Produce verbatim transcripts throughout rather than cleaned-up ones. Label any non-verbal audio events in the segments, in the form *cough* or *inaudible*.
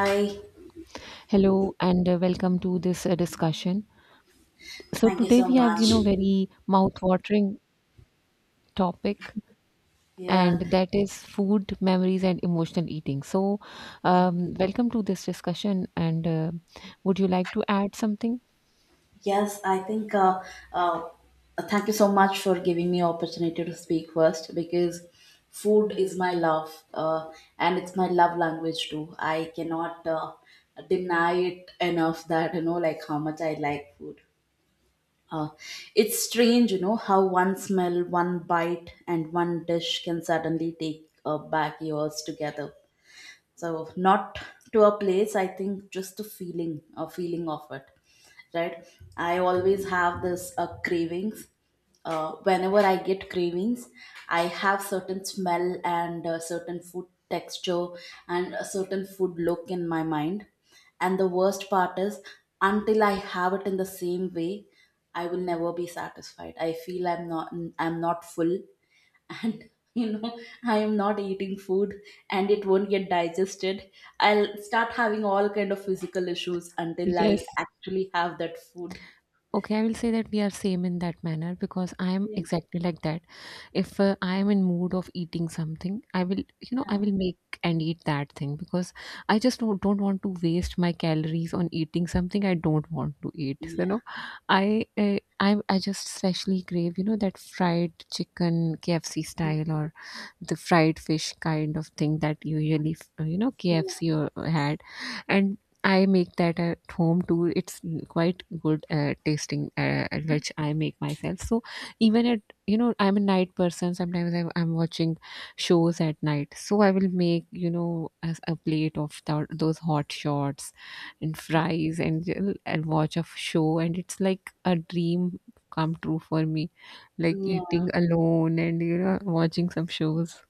Hi, Hello and uh, welcome to this uh, discussion. So thank you today so we have, you much. know, very mouth-watering topic, Yeah, and that is food, memories, and emotional eating. So, um, welcome to this discussion. And uh, would you like to add something? yes, I think. Uh, uh, Thank you so much for giving me opportunity to speak first, because food is my love, uh, and it's my love language too. I cannot uh, deny it enough that you know, like how much I like food. Uh, it's strange, you know, how one smell, one bite, and one dish can suddenly take uh, back yours together. So not to a place, I think, just the feeling, a feeling of it, right? I always have this uh, cravings, uh, whenever I get cravings I have certain smell and uh, certain food texture, and a certain food look in my mind. And the worst part is, until I have it in the same way, I will never be satisfied. I feel i'm not i'm not full. And *laughs* you know, I am not eating food and it won't get digested. I'll start having all kind of physical issues until I Yes. actually have that food. Okay, I will say that we are same in that manner because I am exactly like that. If uh, I am in mood of eating something, i will you know i will make and eat that thing because I just don't, don't want to waste my calories on eating something I don't want to eat. So, you Yeah, know i uh, i i just especially crave you know that fried chicken K F C style or the fried fish kind of thing that usually f- you know yeah, K F C or had. And I make that at home too. It's quite good uh, tasting, uh, which I make myself. So even at you know I'm a night person. Sometimes I'm, I'm watching shows at night, so I will make you know as a plate of th- those hot shots and fries and, j- and watch a show, and it's like a dream come true for me, like yeah. eating alone and you know watching some shows.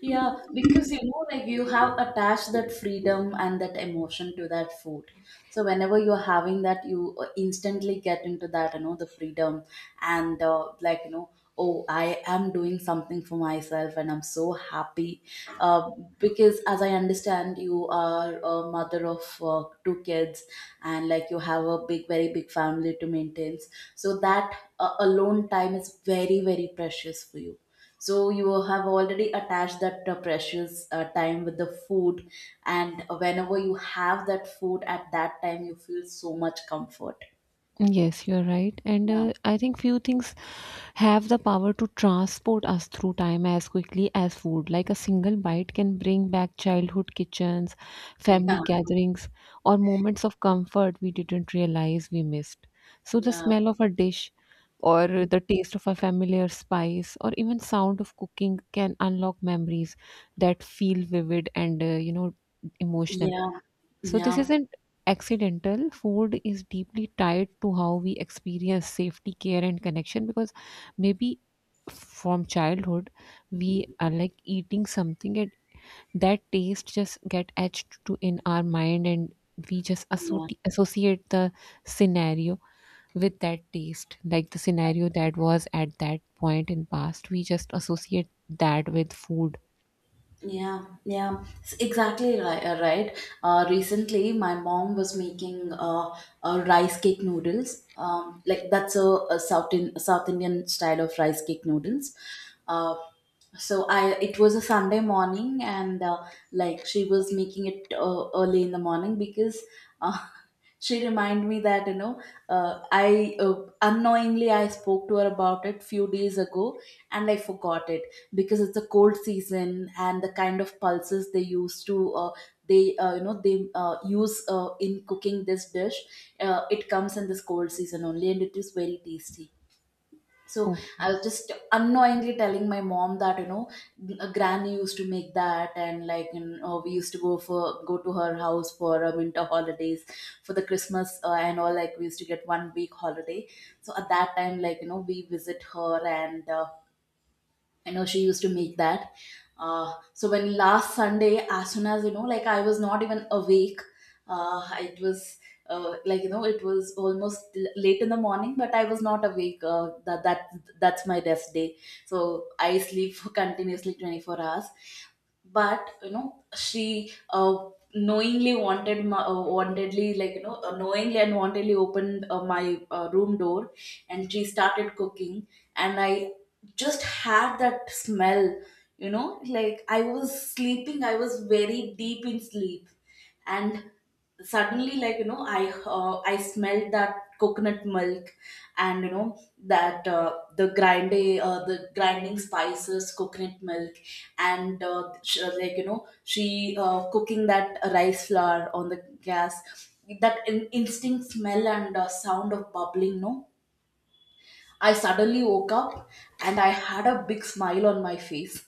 Yeah, because you know, like you have attached that freedom and that emotion to that food. So whenever you're having that, you uh, instantly get into that, you know, the freedom, and uh, like you know, oh, I am doing something for myself, and I'm so happy. Uh, because as I understand, you are a mother of uh, two kids, and like you have a big, very big family to maintain. So that uh, alone time is very, very precious for you. So you have already attached that uh, precious uh, time with the food, and whenever you have that food at that time you feel so much comfort. Yes, you're right. And Yeah, uh, I think few things have the power to transport us through time as quickly as food. Like a single bite can bring back childhood kitchens, yeah, family gatherings, or moments of comfort we didn't realize we missed. So the yeah, smell of a dish, or the taste of a familiar spice, or even sound of cooking can unlock memories that feel vivid and uh, you know emotional. yeah, So this yeah, isn't accidental. Food is deeply tied to how we experience safety, care, and connection because maybe from childhood we are like eating something, and that taste just get etched to in our mind, and we just yeah, associ- associate the scenario with that taste, like the scenario that was at that point in past, we just associate that with food. yeah, yeah. It's exactly right, uh, right. Uh, recently my mom was making uh, uh, rice cake noodles, um, like that's a, a south in, south Indian style of rice cake noodles. Uh, so I it was a Sunday morning, and uh, like she was making it uh, early in the morning, because uh, *laughs* she reminded me that, you know, uh, I uh, unknowingly I spoke to her about it few days ago and I forgot it. Because it's a cold season, and the kind of pulses they used to uh, they uh, you know they uh, use uh, in cooking this dish, uh, it comes in this cold season only, and it is very tasty. So I was just unknowingly telling my mom that, you know, a granny used to make that, and like you know, we used to go for go to her house for uh, winter holidays for the Christmas uh, and all, like, we used to get one week holiday. So at that time, like you know, we visit her, and uh, I know she used to make that. Uh, so when last Sunday, as soon as, you know, like, I was not even awake, uh, it was uh, like you know it was almost l- late in the morning, but I was not awake. Uh, that that that's my rest day, so I sleep *laughs* for continuously twenty-four hours. But you know, she uh, knowingly wanted my, uh, wantedly, like you know, uh, knowingly and wantedly opened uh, my uh, room door, and she started cooking, and I just had that smell. You know, like, I was sleeping, I was very deep in sleep, and suddenly, like you know, i uh, i smelled that coconut milk. And you know that uh, the grinding uh, the grinding spices, coconut milk, and uh, sh- like you know she uh, cooking that rice flour on the gas, that in- instinct smell, and uh, sound of bubbling, no, I suddenly woke up and I had a big smile on my face.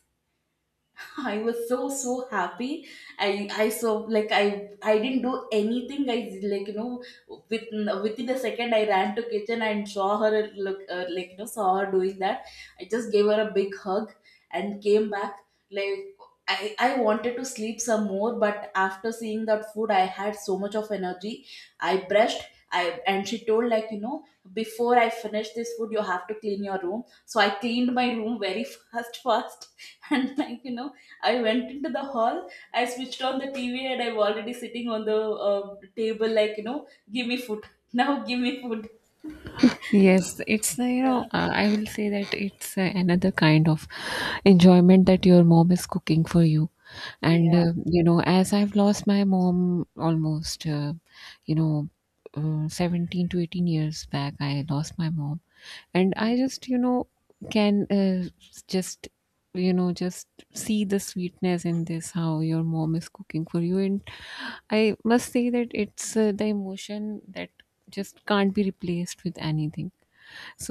*laughs* I was so so happy. I I so like I I didn't do anything. I, like you know, within within a second I ran to kitchen and saw her look, uh, like you know, saw her doing that. I just gave her a big hug and came back, like. I, I wanted to sleep some more, but after seeing that food, I had so much of energy. I brushed, I and she told, like you know, before I finish this food, you have to clean your room. So I cleaned my room very *laughs* fast, fast, and, like you know, I went into the hall. I switched on the T V, and I'm already sitting on the uh, table, like you know, give me food *laughs* now, give me food. Yes, it's uh, you Yeah, know uh, I will say that it's uh, another kind of enjoyment that your mom is cooking for you, and yeah, uh, you know as I've lost my mom almost, uh, you know uh, seventeen to eighteen years back, I lost my mom, and um, I just you know can uh, just you know just see the sweetness in this how your mom is cooking for you. And I must say that it's uh, the emotion that just can't be replaced with anything.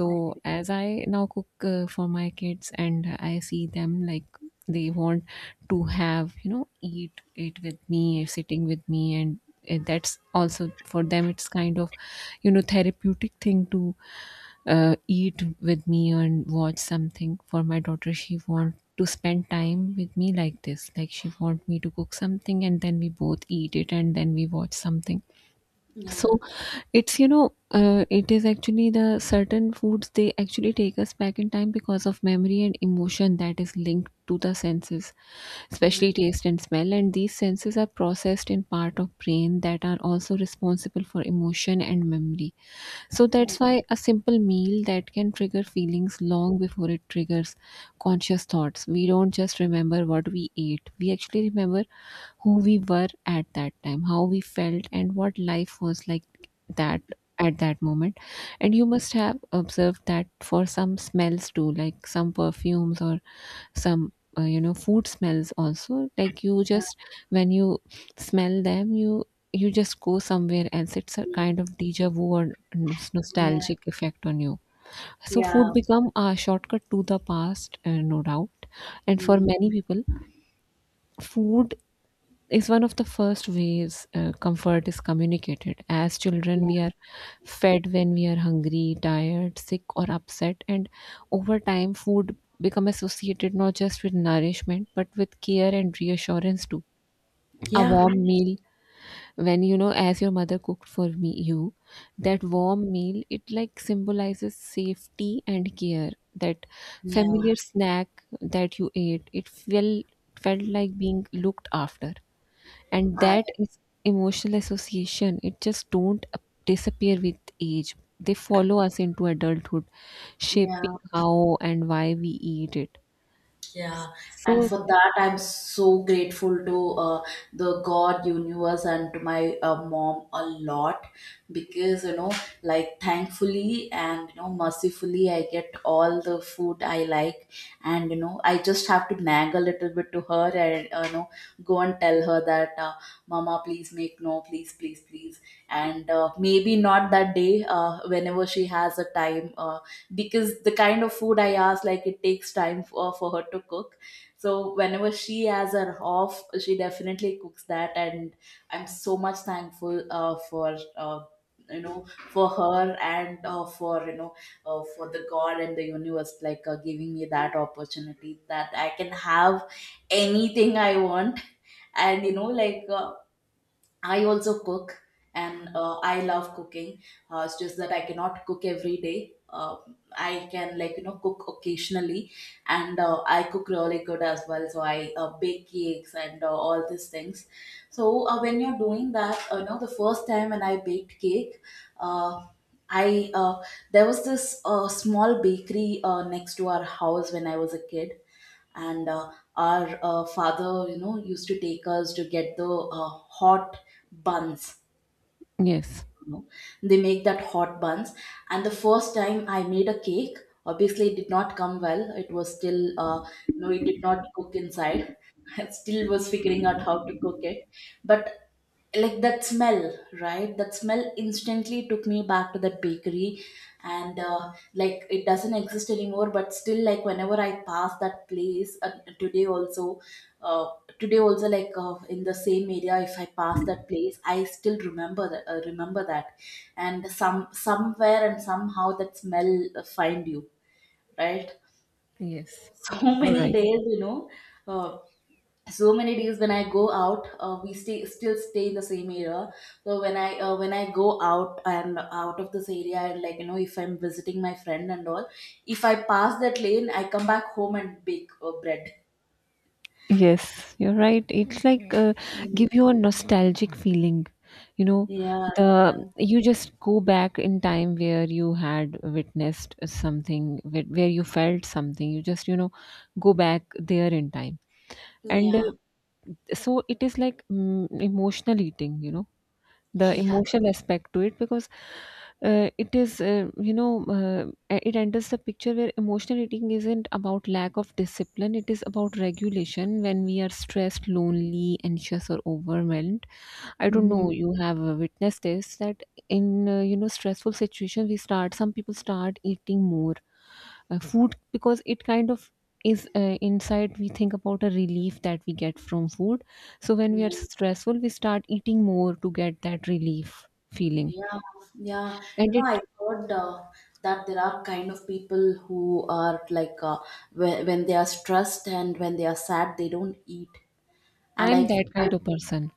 I agree. as I now cook uh, for my kids, and I see them, like, they want to have, you know, eat it with me, sitting with me, and uh, that's also for them, it's kind of you know therapeutic thing to uh, eat with me and watch something. For my daughter, she want to spend time with me like this, like she want me to cook something and then we both eat it and then we watch something. Yeah, So it's you know uh, it is actually the certain foods they actually take us back in time because of memory and emotion that is linked to the senses, yeah, especially taste and smell, and these senses are processed in part of brain that are also responsible for emotion and memory. So that's I- why a simple meal that can trigger feelings long before it triggers conscious thoughts. We don't just remember what we ate, we actually remember who we were at that time, how we felt, and what life was like that at that moment. And you must have observed that for some smells too, like some perfumes or some. Uh, you know food smells also, like you yeah, just when you smell them, you you just go somewhere else. It's a kind of deja vu or n- yeah, nostalgic effect on you. So yeah, food become a shortcut to the past, uh, no doubt. And for many people, food is one of the first ways uh, comfort is communicated. As children, yeah, we are fed when we are hungry, tired, sick, or upset, and over time, food become associated not just with nourishment but with care and reassurance too. A yeah. warm meal, when you know, as your mother cooked for me, you that warm meal, it like symbolizes safety and care. That Yeah. familiar snack that you ate, it felt felt like being looked after, and I that is emotional association. It just don't disappear with age, they follow us into adulthood, shaping yeah. how and why we eat it. Yeah, and So for that, I'm so grateful to uh, the God, universe, and to my uh, mom a lot, because you know, like, thankfully and, you know, mercifully, I get all the food I like, and you know, I just have to nag a little bit to her, and uh, you know, go and tell her that, uh, Mama, please make no, please, please, please, and uh, maybe not that day, uh, whenever she has a time, uh, because the kind of food I asked, like it takes time for, for her to cook. So whenever she has her off, she definitely cooks that, and I'm so much thankful uh, for uh, you know for her, and uh, for you know uh, for the God and the universe, like uh, giving me that opportunity that I can have anything I want, and you know, like, uh, I also cook, and uh, I love cooking. Uh, it's just that I cannot cook every day. Uh, I can, like you know, cook occasionally, and uh, I cook really good as well. So I uh, bake cakes and uh, all these things. So uh, when you're doing that, uh, you know, the first time when I baked cake, uh, I uh, there was this uh, small bakery uh, next to our house when I was a kid, and uh, our uh, father, you know, used to take us to get the uh, hot buns, yes, know, they make that hot buns. And the first time I made a cake, obviously it did not come well, it was still, uh, you know, it did not cook inside. *laughs* I still was figuring out how to cook it. But, like, that smell, right, that smell instantly took me back to that bakery. And uh, like it doesn't exist anymore, but still, like, whenever I pass that place, uh, today also, uh, today also like, uh, in the same area, if I pass that place, I still remember that, uh, remember that. And some somewhere and somehow that smell uh, find you, right? yes, *laughs* So you're many right, days, you know, uh, so many days when I go out, uh, we stay still stay in the same area. So when i uh, when i go out and out of this area, and, like you know, if I'm visiting my friend and all, if I pass that lane I come back home and bake uh, bread. yes, you're right. It's like, uh, give you a nostalgic feeling, you know Yeah, yeah, the you just go back in time where you had witnessed something, where where you felt something, you just you know go back there in time. And uh, yeah. so it is like, mm, emotional eating, you know the Yeah. emotional aspect to it because uh, it is uh, you know uh, it enters the picture where emotional eating isn't about lack of discipline, it is about regulation when we are stressed, lonely, anxious, or overwhelmed. I don't Mhm. know, you have uh, witnessed this, that in uh, you know stressful situations, we start some people start eating more uh, food because it kind of is uh, inside, we think about a relief that we get from food. So when we Yeah, are stressful, we start eating more to get that relief feeling. yeah, yeah. You And know, it I heard uh, that there are kind of people who are like, uh, when, when they are stressed and when they are sad, they don't eat. And I'm I, that I kind of person.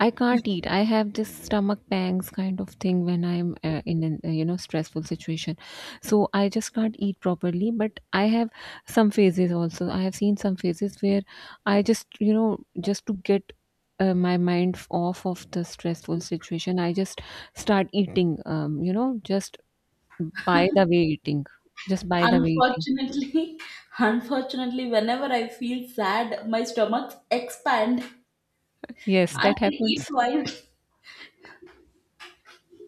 I can't eat. I have this stomach pangs kind of thing when I'm uh, in an uh, you know stressful situation. So I just can't eat properly. But I have some phases also. I have seen some phases where I just you know just to get uh, my mind f- off of the stressful situation, I just start eating. Um, you know, just by the way eating, just by the way eating. unfortunately, *laughs* unfortunately, whenever I feel sad, my stomach expand. Yes, I can that eat happens. twice.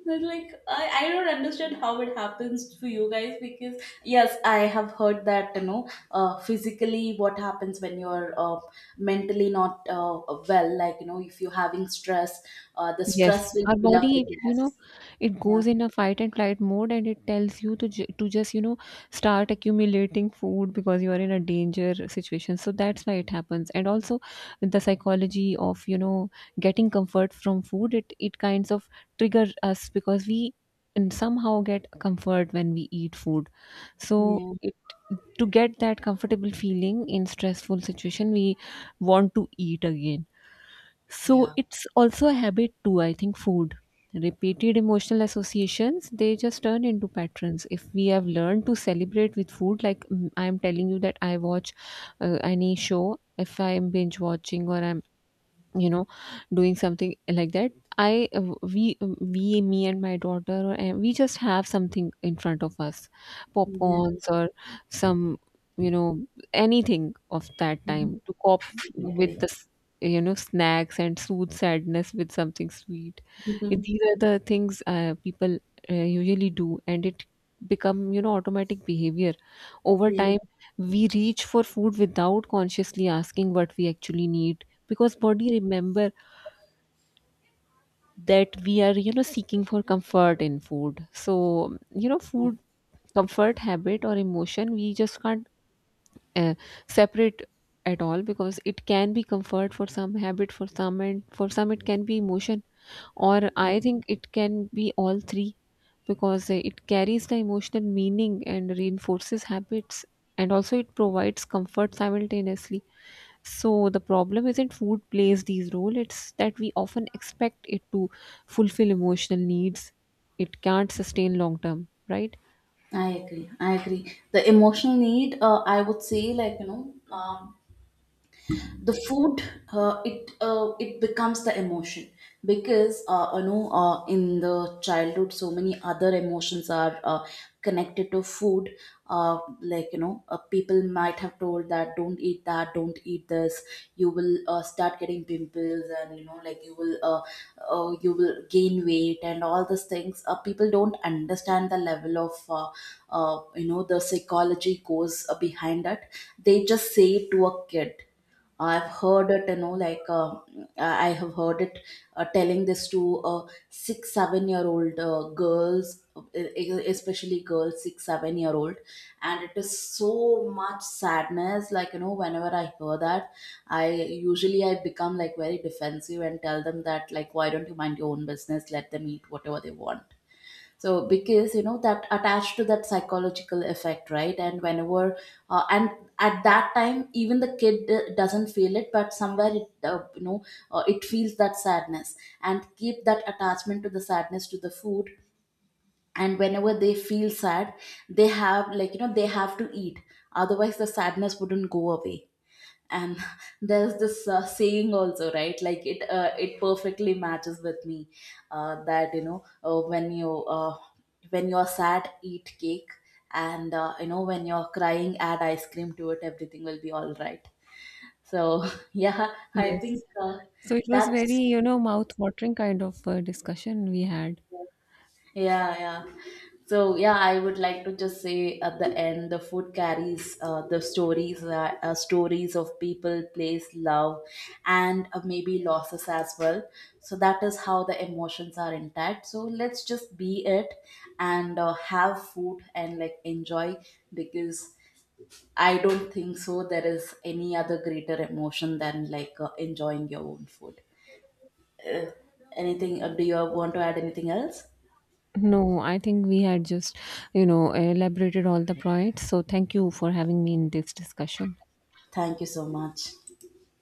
But, like, I, I don't understand how it happens for you guys, because, yes, I have heard that, you know, uh, physically what happens when you're uh, mentally not uh, well, like you know, if you're having stress, uh, the Yes, stress will our fill up the body, you gas. know, it Yeah, goes in a fight and flight mode and it tells you to ju- to just, you know, start accumulating food because you are in a danger situation. So that's why it happens. And also the psychology of, you know, getting comfort from food, it it kinds of trigger us because we and somehow get comfort when we eat food. So yeah. it to get that comfortable feeling in stressful situation, we want to eat again. So Yeah. it's also a habit too, I think, food. Repeated emotional associations, they just turn into patterns. If we have learned to celebrate with food, like, mm, I'm telling you that I watch uh, any show, if I'm binge watching or I'm you know doing something like that, I we we me and my daughter or and we just have something in front of us, Yeah. popcorns or some, you know anything of that Mhm. time to cope I agree. with the s- you know snacks and soothe sadness with something sweet. Mhm. These are the things uh, people uh, usually do, and it become you know automatic behavior over Yeah. time. We reach for food without consciously asking what we actually need because body remember that we are you know seeking for comfort in food. So you know food, comfort, habit, or emotion, we just can't uh, separate at all because it can be comfort for some, habit for some, and for some it can be emotion. Or I think it can be all three because it carries the emotional meaning and reinforces habits, and also it provides comfort simultaneously. So the problem isn't food plays these role, it's that we often expect it to fulfill emotional needs. It can't sustain long term, right? I agree. I agree. The emotional need, uh, I would say, like you know, um the food, uh, it uh, it becomes the emotion, because uh, you know, uh, in the childhood so many other emotions are uh, connected to food. Uh, like, you know, uh, people might have told that don't eat that, don't eat this, you will uh, start getting pimples, and you know, like, you will uh, uh, you will gain weight and all these things. Uh, people don't understand the level of uh, uh, you know the psychology goes uh, behind that, they just say it to a kid. I've heard it, you know, like, uh, I have heard it uh, telling this to, uh, six, seven year old uh, girls, e- e- especially girls, six, seven year old. And it is so much sadness. Like, you know, whenever I hear that, I usually I become, like, very defensive, and tell them that, like, why don't you mind your own business? Let them eat whatever they want. So because you know that attached to that psychological effect, right? And whenever, uh, and at that time, even the kid uh, doesn't feel it, but somewhere it uh, you know uh, it feels that sadness, and keep that attachment to the sadness, to the food. And whenever they feel sad, they have, like you know, they have to eat, otherwise the sadness wouldn't go away. And *laughs* there's this uh, saying also, right, like it uh, it perfectly matches with me, uh, that, you know, uh, when you uh, when you're sad, eat cake, and uh, you know when you're crying, add ice cream to it, everything will be all right. So *laughs* yeah, I think, Yes. uh, So it was very, that's... you know, mouth-watering kind of uh, discussion we had. Yeah, yeah. So yeah, I would like to just say at the end, the food carries uh, the stories, uh, uh, stories of people, place, love, and uh, maybe losses as well. So that is how the emotions are intact. So let's just be it, and uh, have food and, like, enjoy, because I don't think so there is any other greater emotion than, like, uh, enjoying your own food. Anything? Uh, do you want to add anything else? No, I think we had just, you know, elaborated all the points. So thank you for having me in this discussion. Thank you so much.